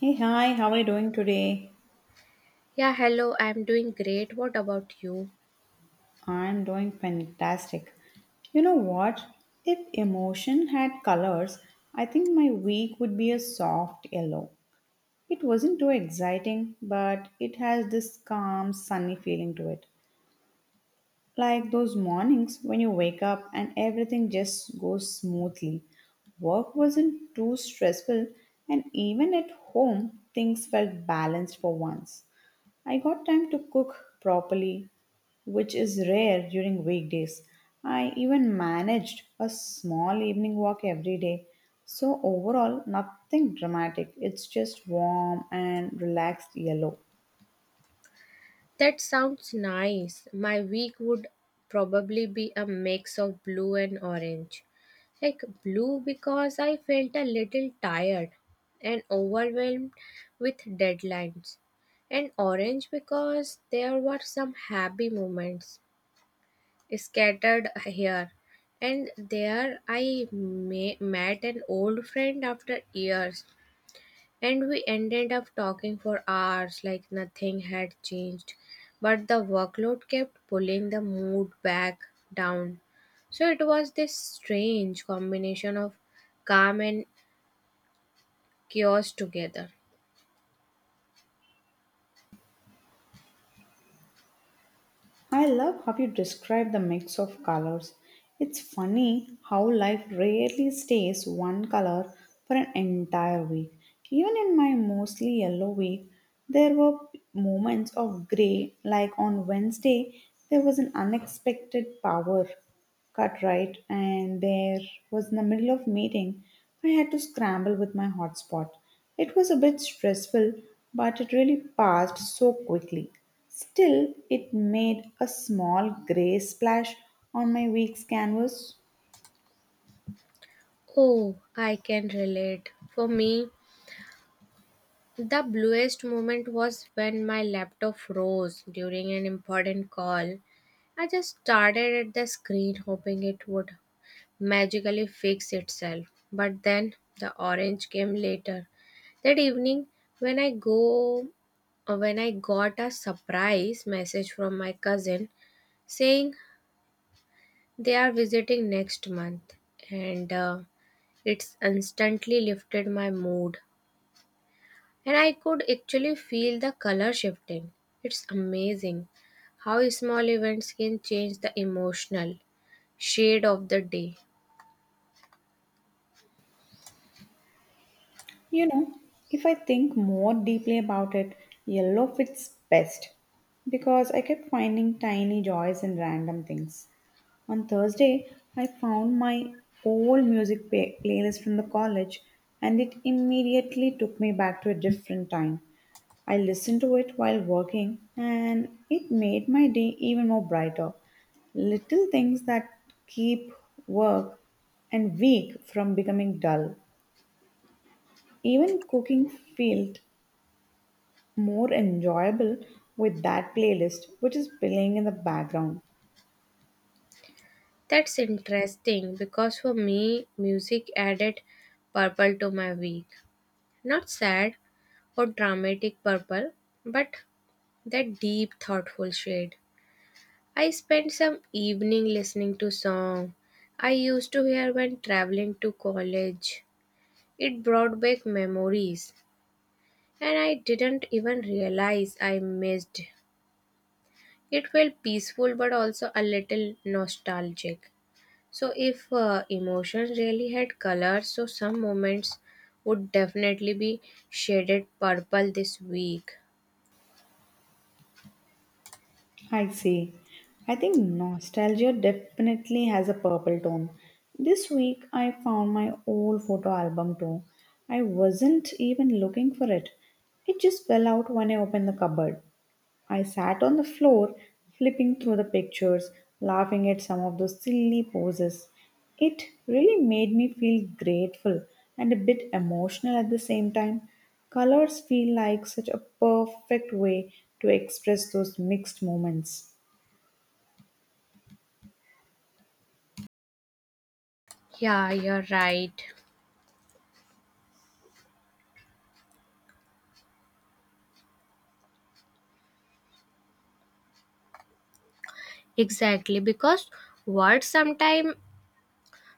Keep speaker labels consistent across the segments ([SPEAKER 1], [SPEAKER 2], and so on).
[SPEAKER 1] Hey, hi, how are you doing today?
[SPEAKER 2] Yeah, hello, I'm doing great. What about you?
[SPEAKER 1] I'm doing fantastic. You know what? If emotion had colors, I think my week would be a soft yellow. It wasn't too exciting, but it has this calm, sunny feeling to it. Like those mornings when you wake up and everything just goes smoothly. Work wasn't too stressful, and even at home, things felt balanced for once. I got time to cook properly, which is rare during weekdays. I even managed a small evening walk every day. So, overall, nothing dramatic. It's just warm and relaxed yellow.
[SPEAKER 2] That sounds nice. My week would probably be a mix of blue and orange. Like blue because I felt a little tired and overwhelmed with deadlines, and orange because there were some happy moments scattered here and there. Met an old friend after years, and we ended up talking for hours like nothing had changed. But the workload kept pulling the mood back down. So it was this strange combination of calm and chaos together.
[SPEAKER 1] I love how you describe the mix of colors. It's funny how life rarely stays one color for an entire week. Even in my mostly yellow week, there were moments of gray, like on Wednesday, there was an unexpected power. Cartwright, and there was in the middle of meeting. I had to scramble with my hotspot. It was a bit stressful, but it really passed so quickly. Still, it made a small grey splash on my week's canvas.
[SPEAKER 2] Oh, I can relate. For me, the bluest moment was when my laptop froze during an important call. I just stared at the screen hoping it would magically fix itself. But then the orange came later. That evening when I go when I got a surprise message from my cousin saying they are visiting next month, and it's instantly lifted my mood and I could actually feel the color shifting. It's amazing how small events can change the emotional shade of the day.
[SPEAKER 1] You know, if I think more deeply about it, yellow fits best because I kept finding tiny joys in random things. On Thursday, I found my old playlist from the college and it immediately took me back to a different time. I listened to it while working and it made my day even more brighter. Little things that keep work and week from becoming dull. Even cooking felt more enjoyable with that playlist, which is playing in the background.
[SPEAKER 2] That's interesting because for me, music added purple to my week. Not sad or dramatic purple, but that deep, thoughtful shade. I spent some evening listening to song I used to hear when traveling to college. It brought back memories, and I didn't even realize I missed. It felt peaceful but also a little nostalgic. So, if emotions really had colors, so some moments would definitely be shaded purple this week.
[SPEAKER 1] I see. I think nostalgia definitely has a purple tone. This week I found my old photo album too. I wasn't even looking for it. It just fell out when I opened the cupboard. I sat on the floor, flipping through the pictures, laughing at some of those silly poses. It really made me feel grateful and a bit emotional at the same time. Colors feel like such a perfect way to express those mixed moments.
[SPEAKER 2] Yeah, you're right. Exactly, because words sometimes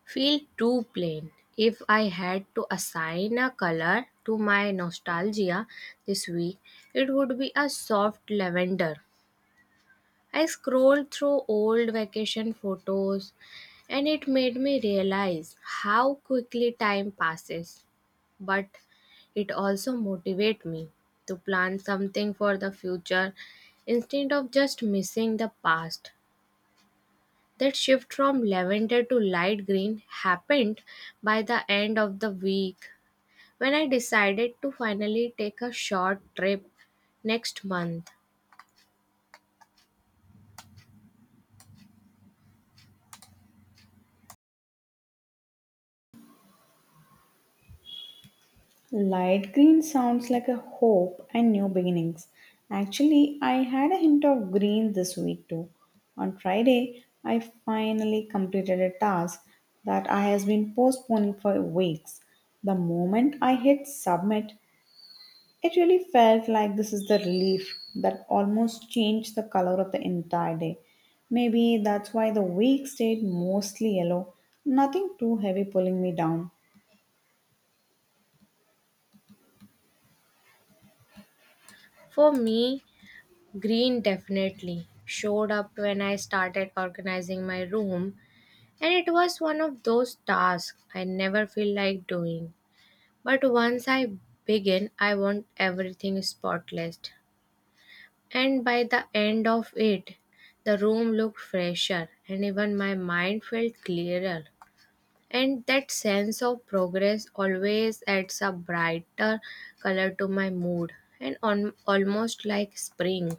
[SPEAKER 2] feel too plain. If I had to assign a color to my nostalgia this week, it would be a soft lavender. I scrolled through old vacation photos and it made me realize how quickly time passes. But it also motivates me to plan something for the future instead of just missing the past. That shift from lavender to light green happened by the end of the week when I decided to finally take a short trip next month.
[SPEAKER 1] Light green sounds like a hope and new beginnings. Actually, I had a hint of green this week too. On Friday, I finally completed a task that I has been postponing for weeks. The moment I hit submit, it really felt like this is the relief that almost changed the color of the entire day. Maybe that's why the week stayed mostly yellow, nothing too heavy pulling me down.
[SPEAKER 2] For me, green definitely showed up when I started organizing my room, and it was one of those tasks I never feel like doing. But once I begin, I want everything spotless. And by the end of it, the room looked fresher and even my mind felt clearer. And that sense of progress always adds a brighter color to my mood and on, almost like spring.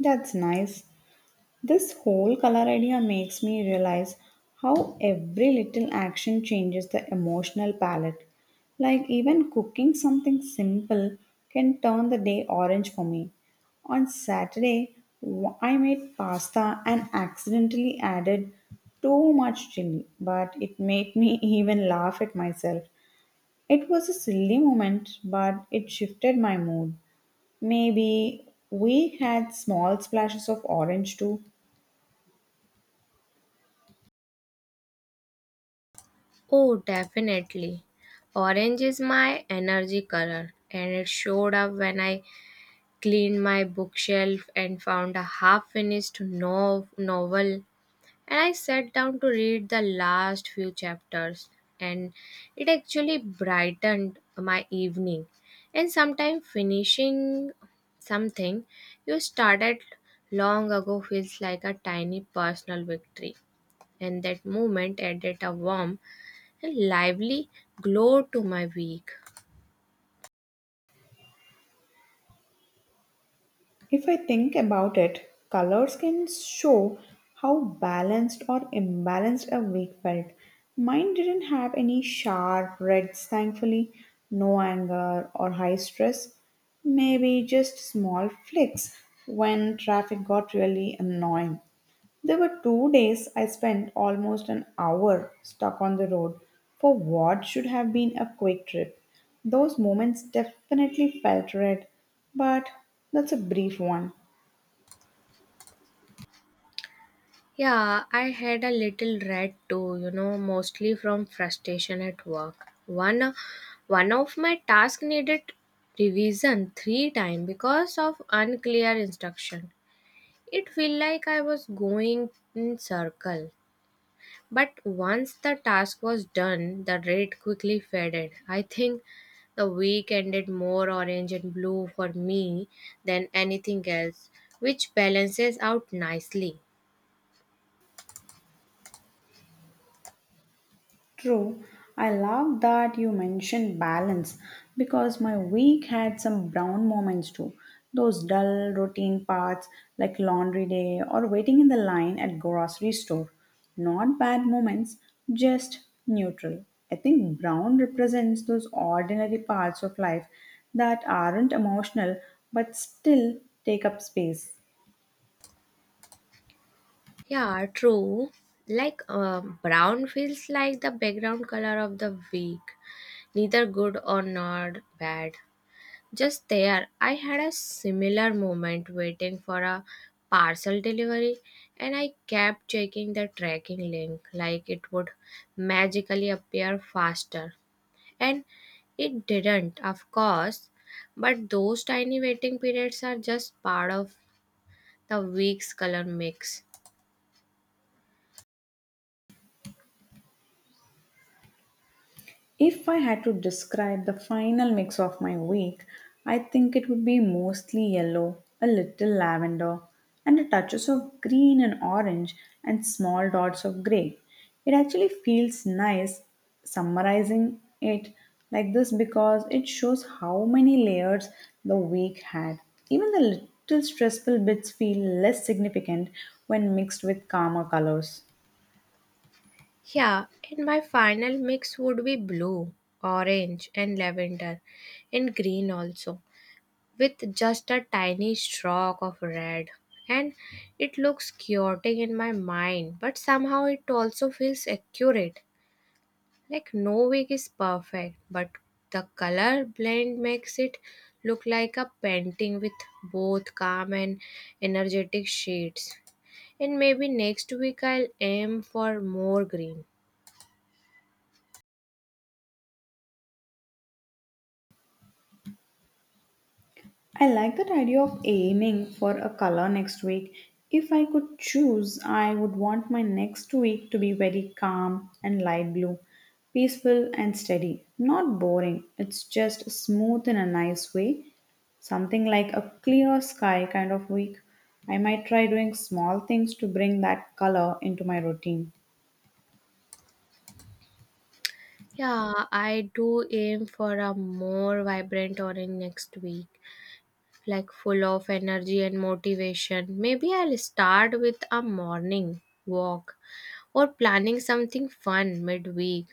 [SPEAKER 1] That's nice. This whole color idea makes me realize how every little action changes the emotional palette. Like, even cooking something simple can turn the day orange for me. On Saturday, I made pasta and accidentally added too much chili, but it made me even laugh at myself. It was a silly moment, but it shifted my mood. Maybe we had small splashes of orange too.
[SPEAKER 2] Oh, definitely. Orange is my energy color, and it showed up when I cleaned my bookshelf and found a half finished novel. And I sat down to read the last few chapters, and it actually brightened my evening. And sometimes finishing something you started long ago feels like a tiny personal victory. And that moment added a warm and lively glow to my week.
[SPEAKER 1] If I think about it, colors can show how balanced or imbalanced a week felt. Mine didn't have any sharp reds, thankfully, no anger or high stress, maybe just small flicks when traffic got really annoying. There were 2 days I spent almost an hour stuck on the road for what should have been a quick trip. Those moments definitely felt red, but that's a brief one.
[SPEAKER 2] Yeah, I had a little red too, you know, mostly from frustration at work. One of my tasks needed revision three times because of unclear instruction. It felt like I was going in circle. But once the task was done, the red quickly faded. I think the week ended more orange and blue for me than anything else, which balances out nicely.
[SPEAKER 1] True. I love that you mentioned balance because my week had some brown moments too. Those dull routine parts like laundry day or waiting in the line at grocery store. Not bad moments, just neutral. I think brown represents those ordinary parts of life that aren't emotional but still take up space.
[SPEAKER 2] Yeah, true. Like brown feels like the background color of the week, neither good or not bad. Just there, I had a similar moment waiting for a parcel delivery, and I kept checking the tracking link like it would magically appear faster. And it didn't, of course, but those tiny waiting periods are just part of the week's color mix.
[SPEAKER 1] If I had to describe the final mix of my week, I think it would be mostly yellow, a little lavender, and a touches of green and orange and small dots of grey. It actually feels nice summarizing it like this because it shows how many layers the week had. Even the little stressful bits feel less significant when mixed with calmer colors.
[SPEAKER 2] Yeah, and my final mix would be blue, orange, and lavender, and green also, with just a tiny stroke of red. And it looks chaotic in my mind, but somehow it also feels accurate. Like no wig is perfect, but the color blend makes it look like a painting with both calm and energetic shades. And maybe next week I'll aim for more green.
[SPEAKER 1] I like that idea of aiming for a color next week. If I could choose, I would want my next week to be very calm and light blue, peaceful and steady, not boring. It's just smooth in a nice way, something like a clear sky kind of week. I might try doing small things to bring that color into my routine.
[SPEAKER 2] Yeah, I do aim for a more vibrant orange next week, like full of energy and motivation. Maybe I'll start with a morning walk or planning something fun midweek.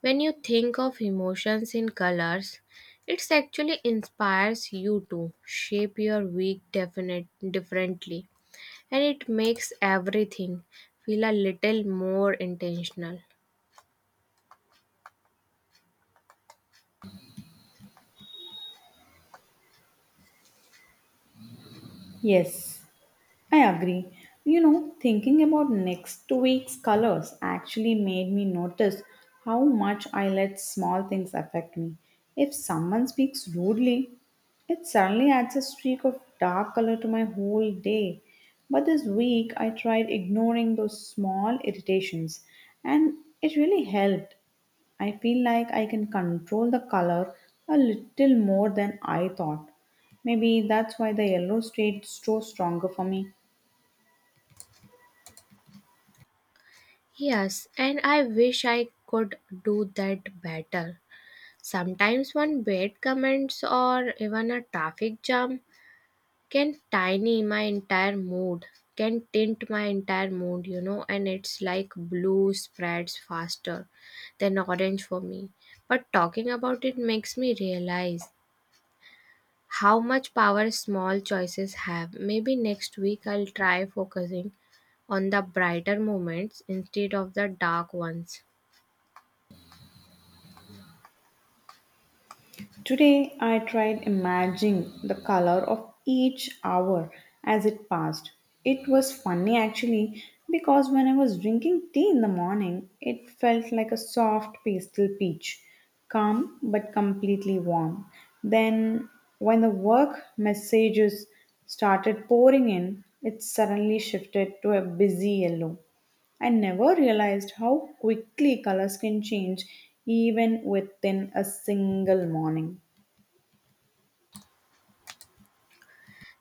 [SPEAKER 2] When you think of emotions in colors, it actually inspires you to shape your week definite differently, and it makes everything feel a little more intentional.
[SPEAKER 1] Yes, I agree. You know, thinking about next week's colors actually made me notice how much I let small things affect me. If someone speaks rudely, it suddenly adds a streak of dark color to my whole day. But this week I tried ignoring those small irritations and it really helped. I feel like I can control the color a little more than I thought. Maybe that's why the yellow stayed so stronger for me.
[SPEAKER 2] Yes, and I wish I could do that better. Sometimes one bad comments or even a traffic jam can tiny my entire mood, can tint my entire mood, you know, and it's like blue spreads faster than orange for me. But talking about it makes me realize how much power small choices have. Maybe next week I'll try focusing on the brighter moments instead of the dark ones.
[SPEAKER 1] Today, I tried imagining the color of each hour as it passed. It was funny actually because when I was drinking tea in the morning, it felt like a soft pastel peach, calm but completely warm. Then, when the work messages started pouring in, it suddenly shifted to a busy yellow. I never realized how quickly colors can change even within a single morning.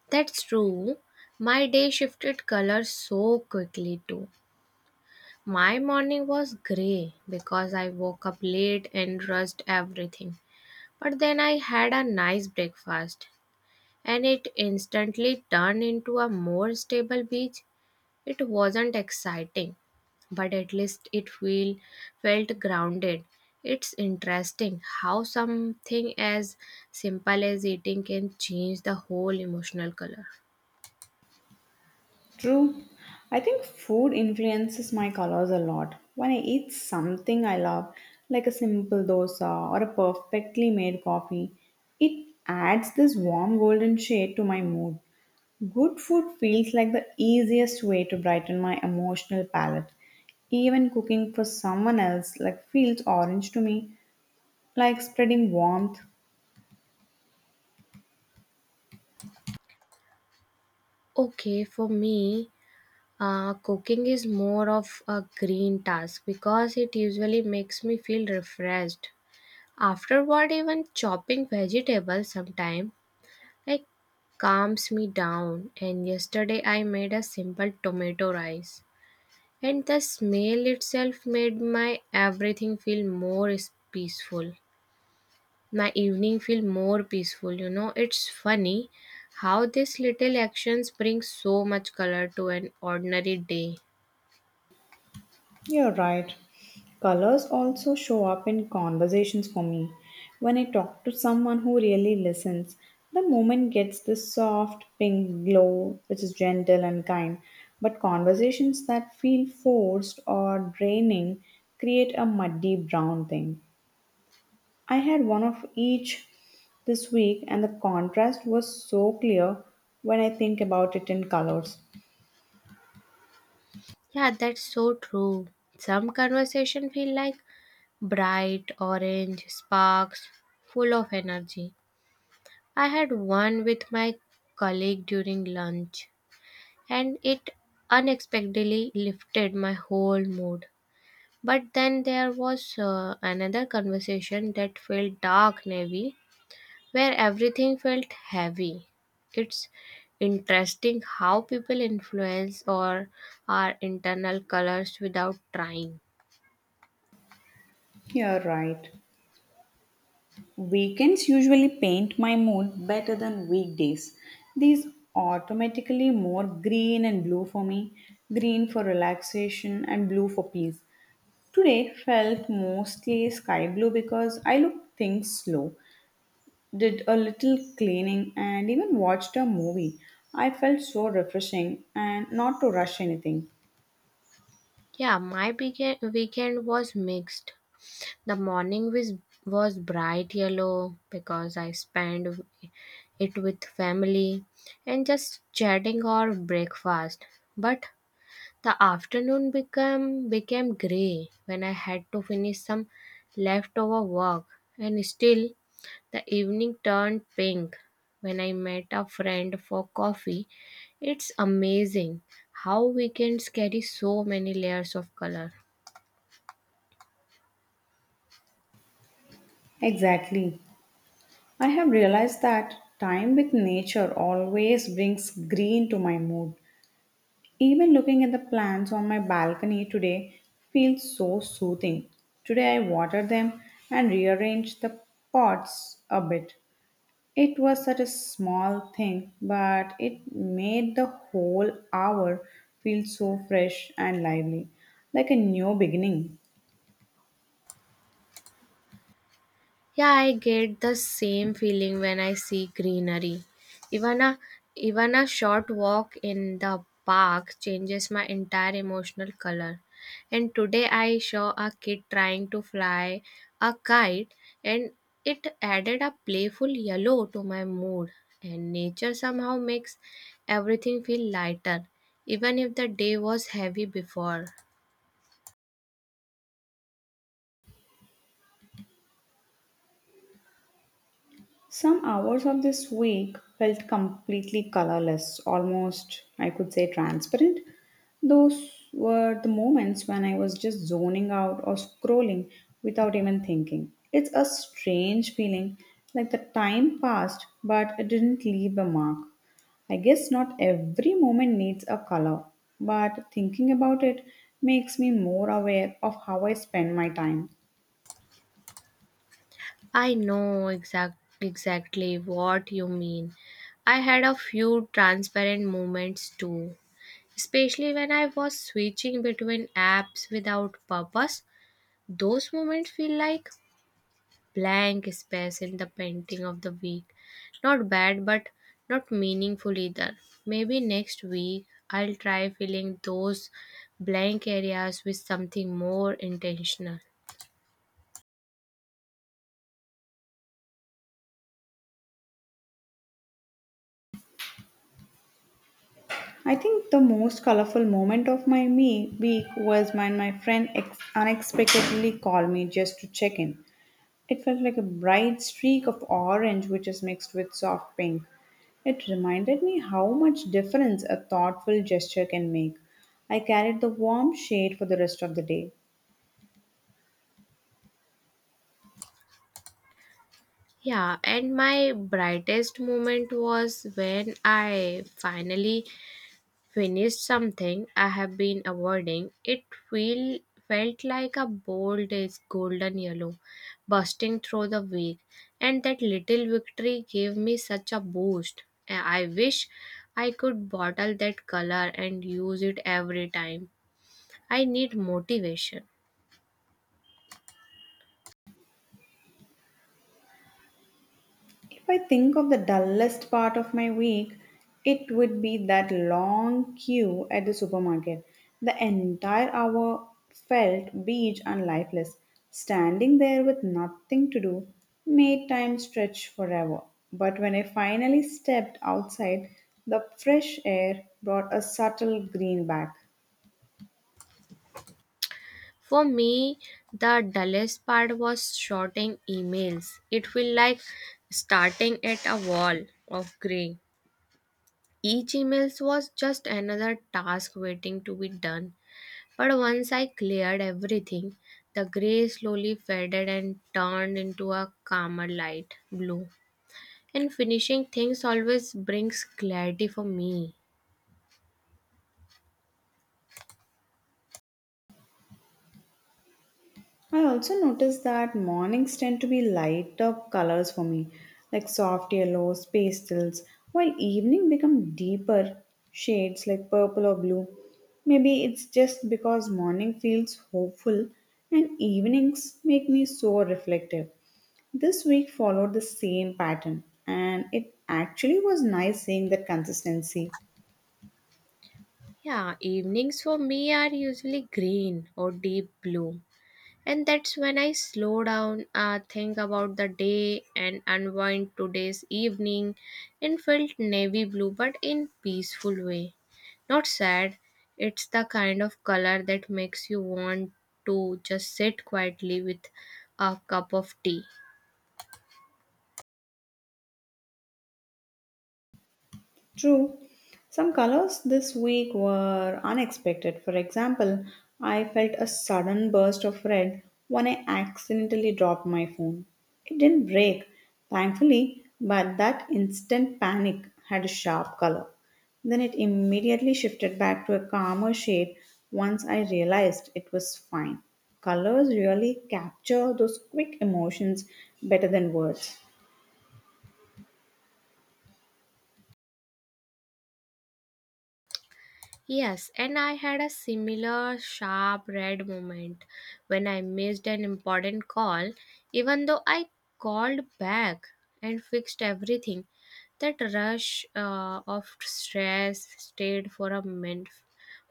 [SPEAKER 2] That's true. My day shifted color so quickly too. My morning was gray because I woke up late and rushed everything. But then I had a nice breakfast and it instantly turned into a more stable beach. It wasn't exciting, but at least felt grounded. It's interesting how something as simple as eating can change the whole emotional color.
[SPEAKER 1] True. I think food influences my colors a lot. When I eat something I love, like a simple dosa or a perfectly made coffee, it adds this warm golden shade to my mood. Good food feels like the easiest way to brighten my emotional palette. Even cooking for someone else like feels orange to me, like spreading warmth.
[SPEAKER 2] Okay, for me, cooking is more of a green task because it usually makes me feel refreshed. Afterward, even chopping vegetables sometimes like calms me down. And yesterday, I made a simple tomato rice, and the smell itself made my everything feel more is- peaceful my evening feel more peaceful, you know. It's funny how these little actions bring so much color to an ordinary day.
[SPEAKER 1] You're right. Colors also show up in conversations for me. When I talk to someone who really listens, the moment gets this soft pink glow, which is gentle and kind. But conversations that feel forced or draining create a muddy brown thing. I had one of each this week, and the contrast was so clear when I think about it in colors.
[SPEAKER 2] Yeah, that's so true. Some conversation feel like bright orange sparks, full of energy. I had one with my colleague during lunch and it unexpectedly lifted my whole mood. But then there was another conversation that felt dark and heavy, where everything felt heavy. It's interesting how people influence or our internal colors without trying.
[SPEAKER 1] You're right. Weekends usually paint my mood better than weekdays. These automatically more green and blue for me, green for relaxation and blue for peace. Today felt mostly sky blue because I looked things slow, did a little cleaning and even watched a movie. I felt so refreshing and not to rush anything.
[SPEAKER 2] Weekend was mixed. The morning was, was bright yellow because I spent it with family and just chatting or breakfast. But the afternoon became gray when I had to finish some leftover work. And still, the evening turned pink when I met a friend for coffee. It's amazing how weekends carry so many layers of color.
[SPEAKER 1] Exactly. I have realized that time with nature always brings green to my mood. Even looking at the plants on my balcony today feels so soothing. Today I watered them and rearranged the pots a bit. It was such a small thing, but it made the whole hour feel so fresh and lively, like a new beginning.
[SPEAKER 2] Yeah, I get the same feeling when I see greenery. Even a even a short walk in the park changes my entire emotional color. And today I saw a kid trying to fly a kite, and it added a playful yellow to my mood, and nature somehow makes everything feel lighter even if the day was heavy before.
[SPEAKER 1] Some hours of this week felt completely colorless, almost, I could say, transparent. Those were the moments when I was just zoning out or scrolling without even thinking. It's a strange feeling, like the time passed, but it didn't leave a mark. I guess not every moment needs a color, but thinking about it makes me more aware of how I spend my time.
[SPEAKER 2] Exactly what you mean. I had a few transparent moments too, especially when I was switching between apps without purpose. Those moments feel like blank space in the painting of the week. Not bad, but not meaningful either. Maybe next week I'll try filling those blank areas with something more intentional.
[SPEAKER 1] I think the most colorful moment of my week was when my friend unexpectedly called me just to check in. It felt like a bright streak of orange which is mixed with soft pink. It reminded me how much difference a thoughtful gesture can make. I carried the warm shade for the rest of the day.
[SPEAKER 2] Yeah, and my brightest moment was when I finally finished something I have been avoiding. Feel, felt like a bold is golden yellow bursting through the week, and that little victory gave me such a boost. I wish I could bottle that color and use it every time. I need motivation.
[SPEAKER 1] If I think of the dullest part of my week, it would be that long queue at the supermarket. The entire hour felt beige and lifeless. Standing there with nothing to do made time stretch forever. But when I finally stepped outside, the fresh air brought a subtle green back.
[SPEAKER 2] For me, the dullest part was sorting emails. It felt like starting at a wall of gray. Each email was just another task waiting to be done. But once I cleared everything, the gray slowly faded and turned into a calmer light blue. And finishing things always brings clarity for me.
[SPEAKER 1] I also noticed that mornings tend to be lighter colors for me, like soft yellows, pastels, while evening become deeper shades like purple or blue. Maybe it's just because morning feels hopeful and evenings make me so reflective. This week followed the same pattern and it actually was nice seeing that consistency.
[SPEAKER 2] Yeah, evenings for me are usually green or deep blue, and that's when I slow down, think about the day and unwind. Today's evening and felt navy blue, but in peaceful way, not sad. It's the kind of color that makes you want to just sit quietly with a cup of tea.
[SPEAKER 1] True. Some colors this week were unexpected. For example, I felt a sudden burst of red when I accidentally dropped my phone. It didn't break, thankfully, but that instant panic had a sharp color. Then it immediately shifted back to a calmer shade once I realized it was fine. Colors really capture those quick emotions better than words.
[SPEAKER 2] Yes, and I had a similar sharp red moment when I missed an important call, even though I called back and fixed everything. That rush of stress stayed for a min-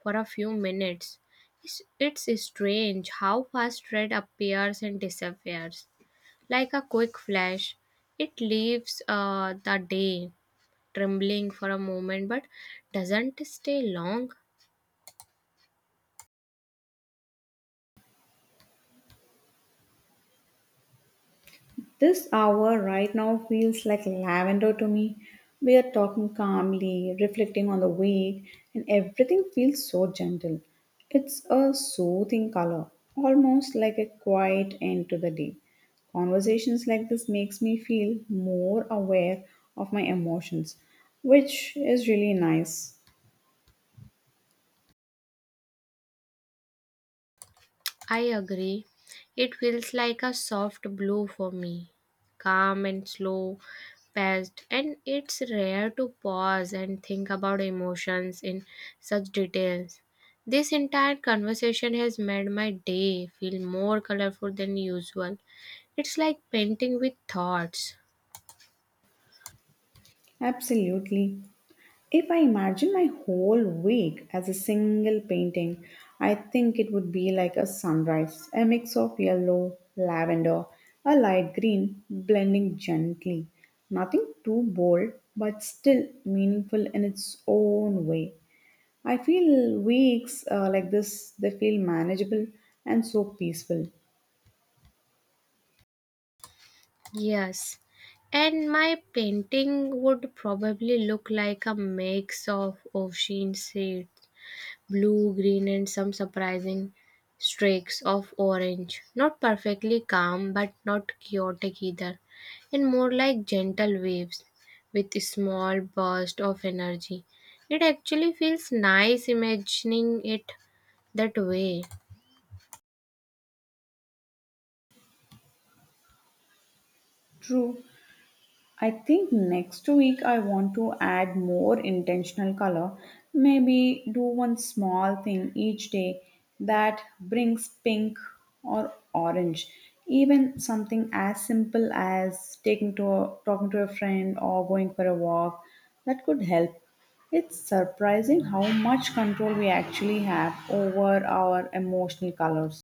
[SPEAKER 2] for a few minutes. It's, it's strange how fast red appears and disappears, like a quick flash. It leaves the day trembling for a moment, but doesn't stay long.
[SPEAKER 1] This hour right now feels like lavender to me. We are talking calmly, reflecting on the week, and everything feels so gentle. It's a soothing color, almost like a quiet end to the day. Conversations like this makes me feel more aware of my emotions, which is really nice.
[SPEAKER 2] I agree. It feels like a soft blue for me, calm and slow paced, and it's rare to pause and think about emotions in such details. This entire conversation has made my day feel more colorful than usual. It's like painting with thoughts.
[SPEAKER 1] Absolutely. If I imagine my whole week as a single painting, I think it would be like a sunrise, a mix of yellow, lavender, a light green, blending gently. Nothing too bold, but still meaningful in its own way. I feel weeks like this, they feel manageable and so peaceful.
[SPEAKER 2] Yes, and my painting would probably look like a mix of ocean shades, blue, green, and some surprising streaks of orange. Not perfectly calm, but not chaotic either, and more like gentle waves with a small burst of energy. It actually feels nice imagining it that way.
[SPEAKER 1] True, I think next week I want to add more intentional color. Maybe do one small thing each day that brings pink or orange. Even something as simple as talking to a friend or going for a walk that could help. It's surprising how much control we actually have over our emotional colors.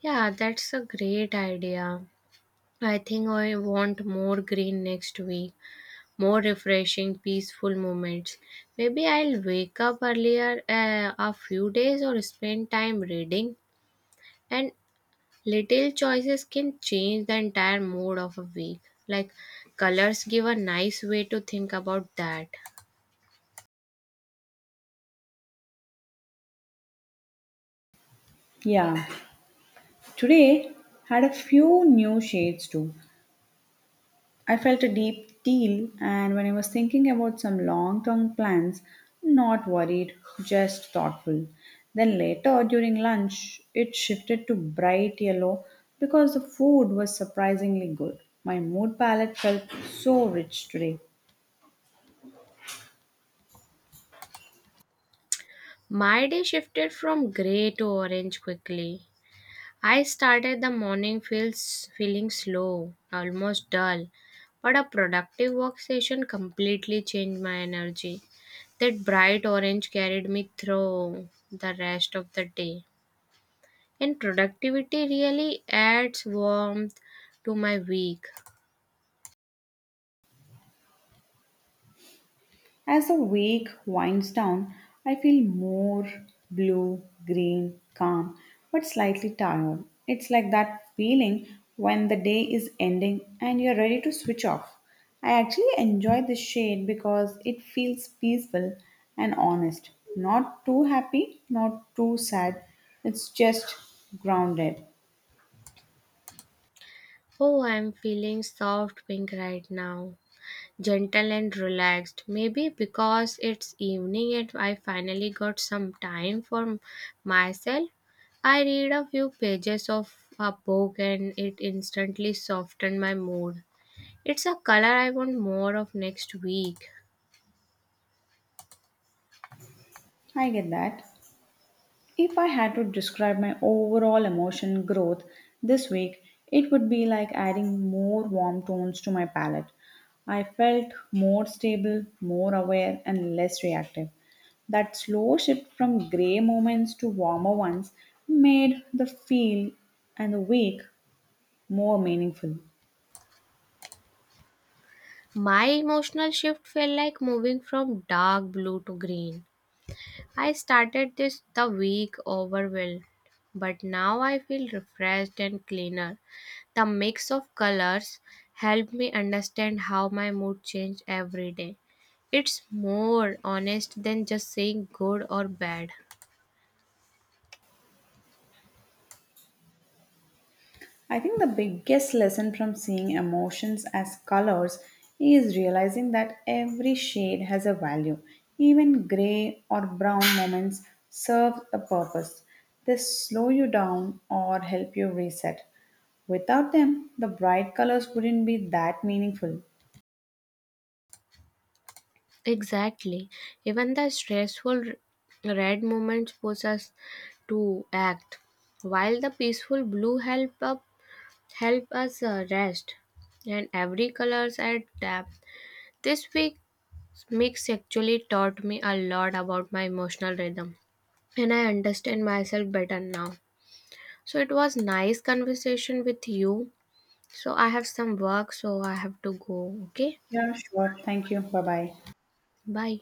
[SPEAKER 2] Yeah, that's a great idea. I think I want more green next week, more refreshing, peaceful moments. Maybe I'll wake up earlier a few days or spend time reading. And little choices can change the entire mood of a week. Like colors give a nice way to think about that.
[SPEAKER 1] Yeah, today had a few new shades too. I felt a deep deal, and when I was thinking about some long term plans, not worried, just thoughtful. Then later during lunch, it shifted to bright yellow because the food was surprisingly good. My mood palette felt so rich today.
[SPEAKER 2] My day shifted from gray to orange quickly. I started the morning feels feeling slow, almost dull, but a productive work session completely changed my energy. That bright orange carried me through the rest of the day. And productivity really adds warmth to my week.
[SPEAKER 1] As the week winds down, I feel more blue, green, calm, but slightly tired. It's like that feeling when the day is ending and you're ready to switch off. I actually enjoy this shade because it feels peaceful and honest. Not too happy, not too sad. It's just grounded.
[SPEAKER 2] Oh, I'm feeling soft pink right now. Gentle and relaxed. Maybe because it's evening and I finally got some time for myself. I read a few pages of a book and it instantly softened my mood. It's a color I want more of next week.
[SPEAKER 1] I get that. If I had to describe my overall emotion growth this week, it would be like adding more warm tones to my palette. I felt more stable, more aware, and less reactive. That slow shift from grey moments to warmer ones made the feel and the week more meaningful.
[SPEAKER 2] My emotional shift felt like moving from dark blue to green. I started this the week overwhelmed, but now I feel refreshed and cleaner. The mix of colors helped me understand how my mood changed every day. It's more honest than just saying good or bad.
[SPEAKER 1] I think the biggest lesson from seeing emotions as colors is realizing that every shade has a value. Even gray or brown moments serve a purpose. They slow you down or help you reset. Without them, the bright colors wouldn't be that meaningful.
[SPEAKER 2] Exactly. Even the stressful red moments force us to act, while the peaceful blue help us rest. And every colors add depth. This week's mix actually taught me a lot about my emotional rhythm, and I understand myself better now. So it was nice conversation with you. So I have some work, so I have to go. Okay,
[SPEAKER 1] Yeah, sure. Thank you. Bye bye.
[SPEAKER 2] bye.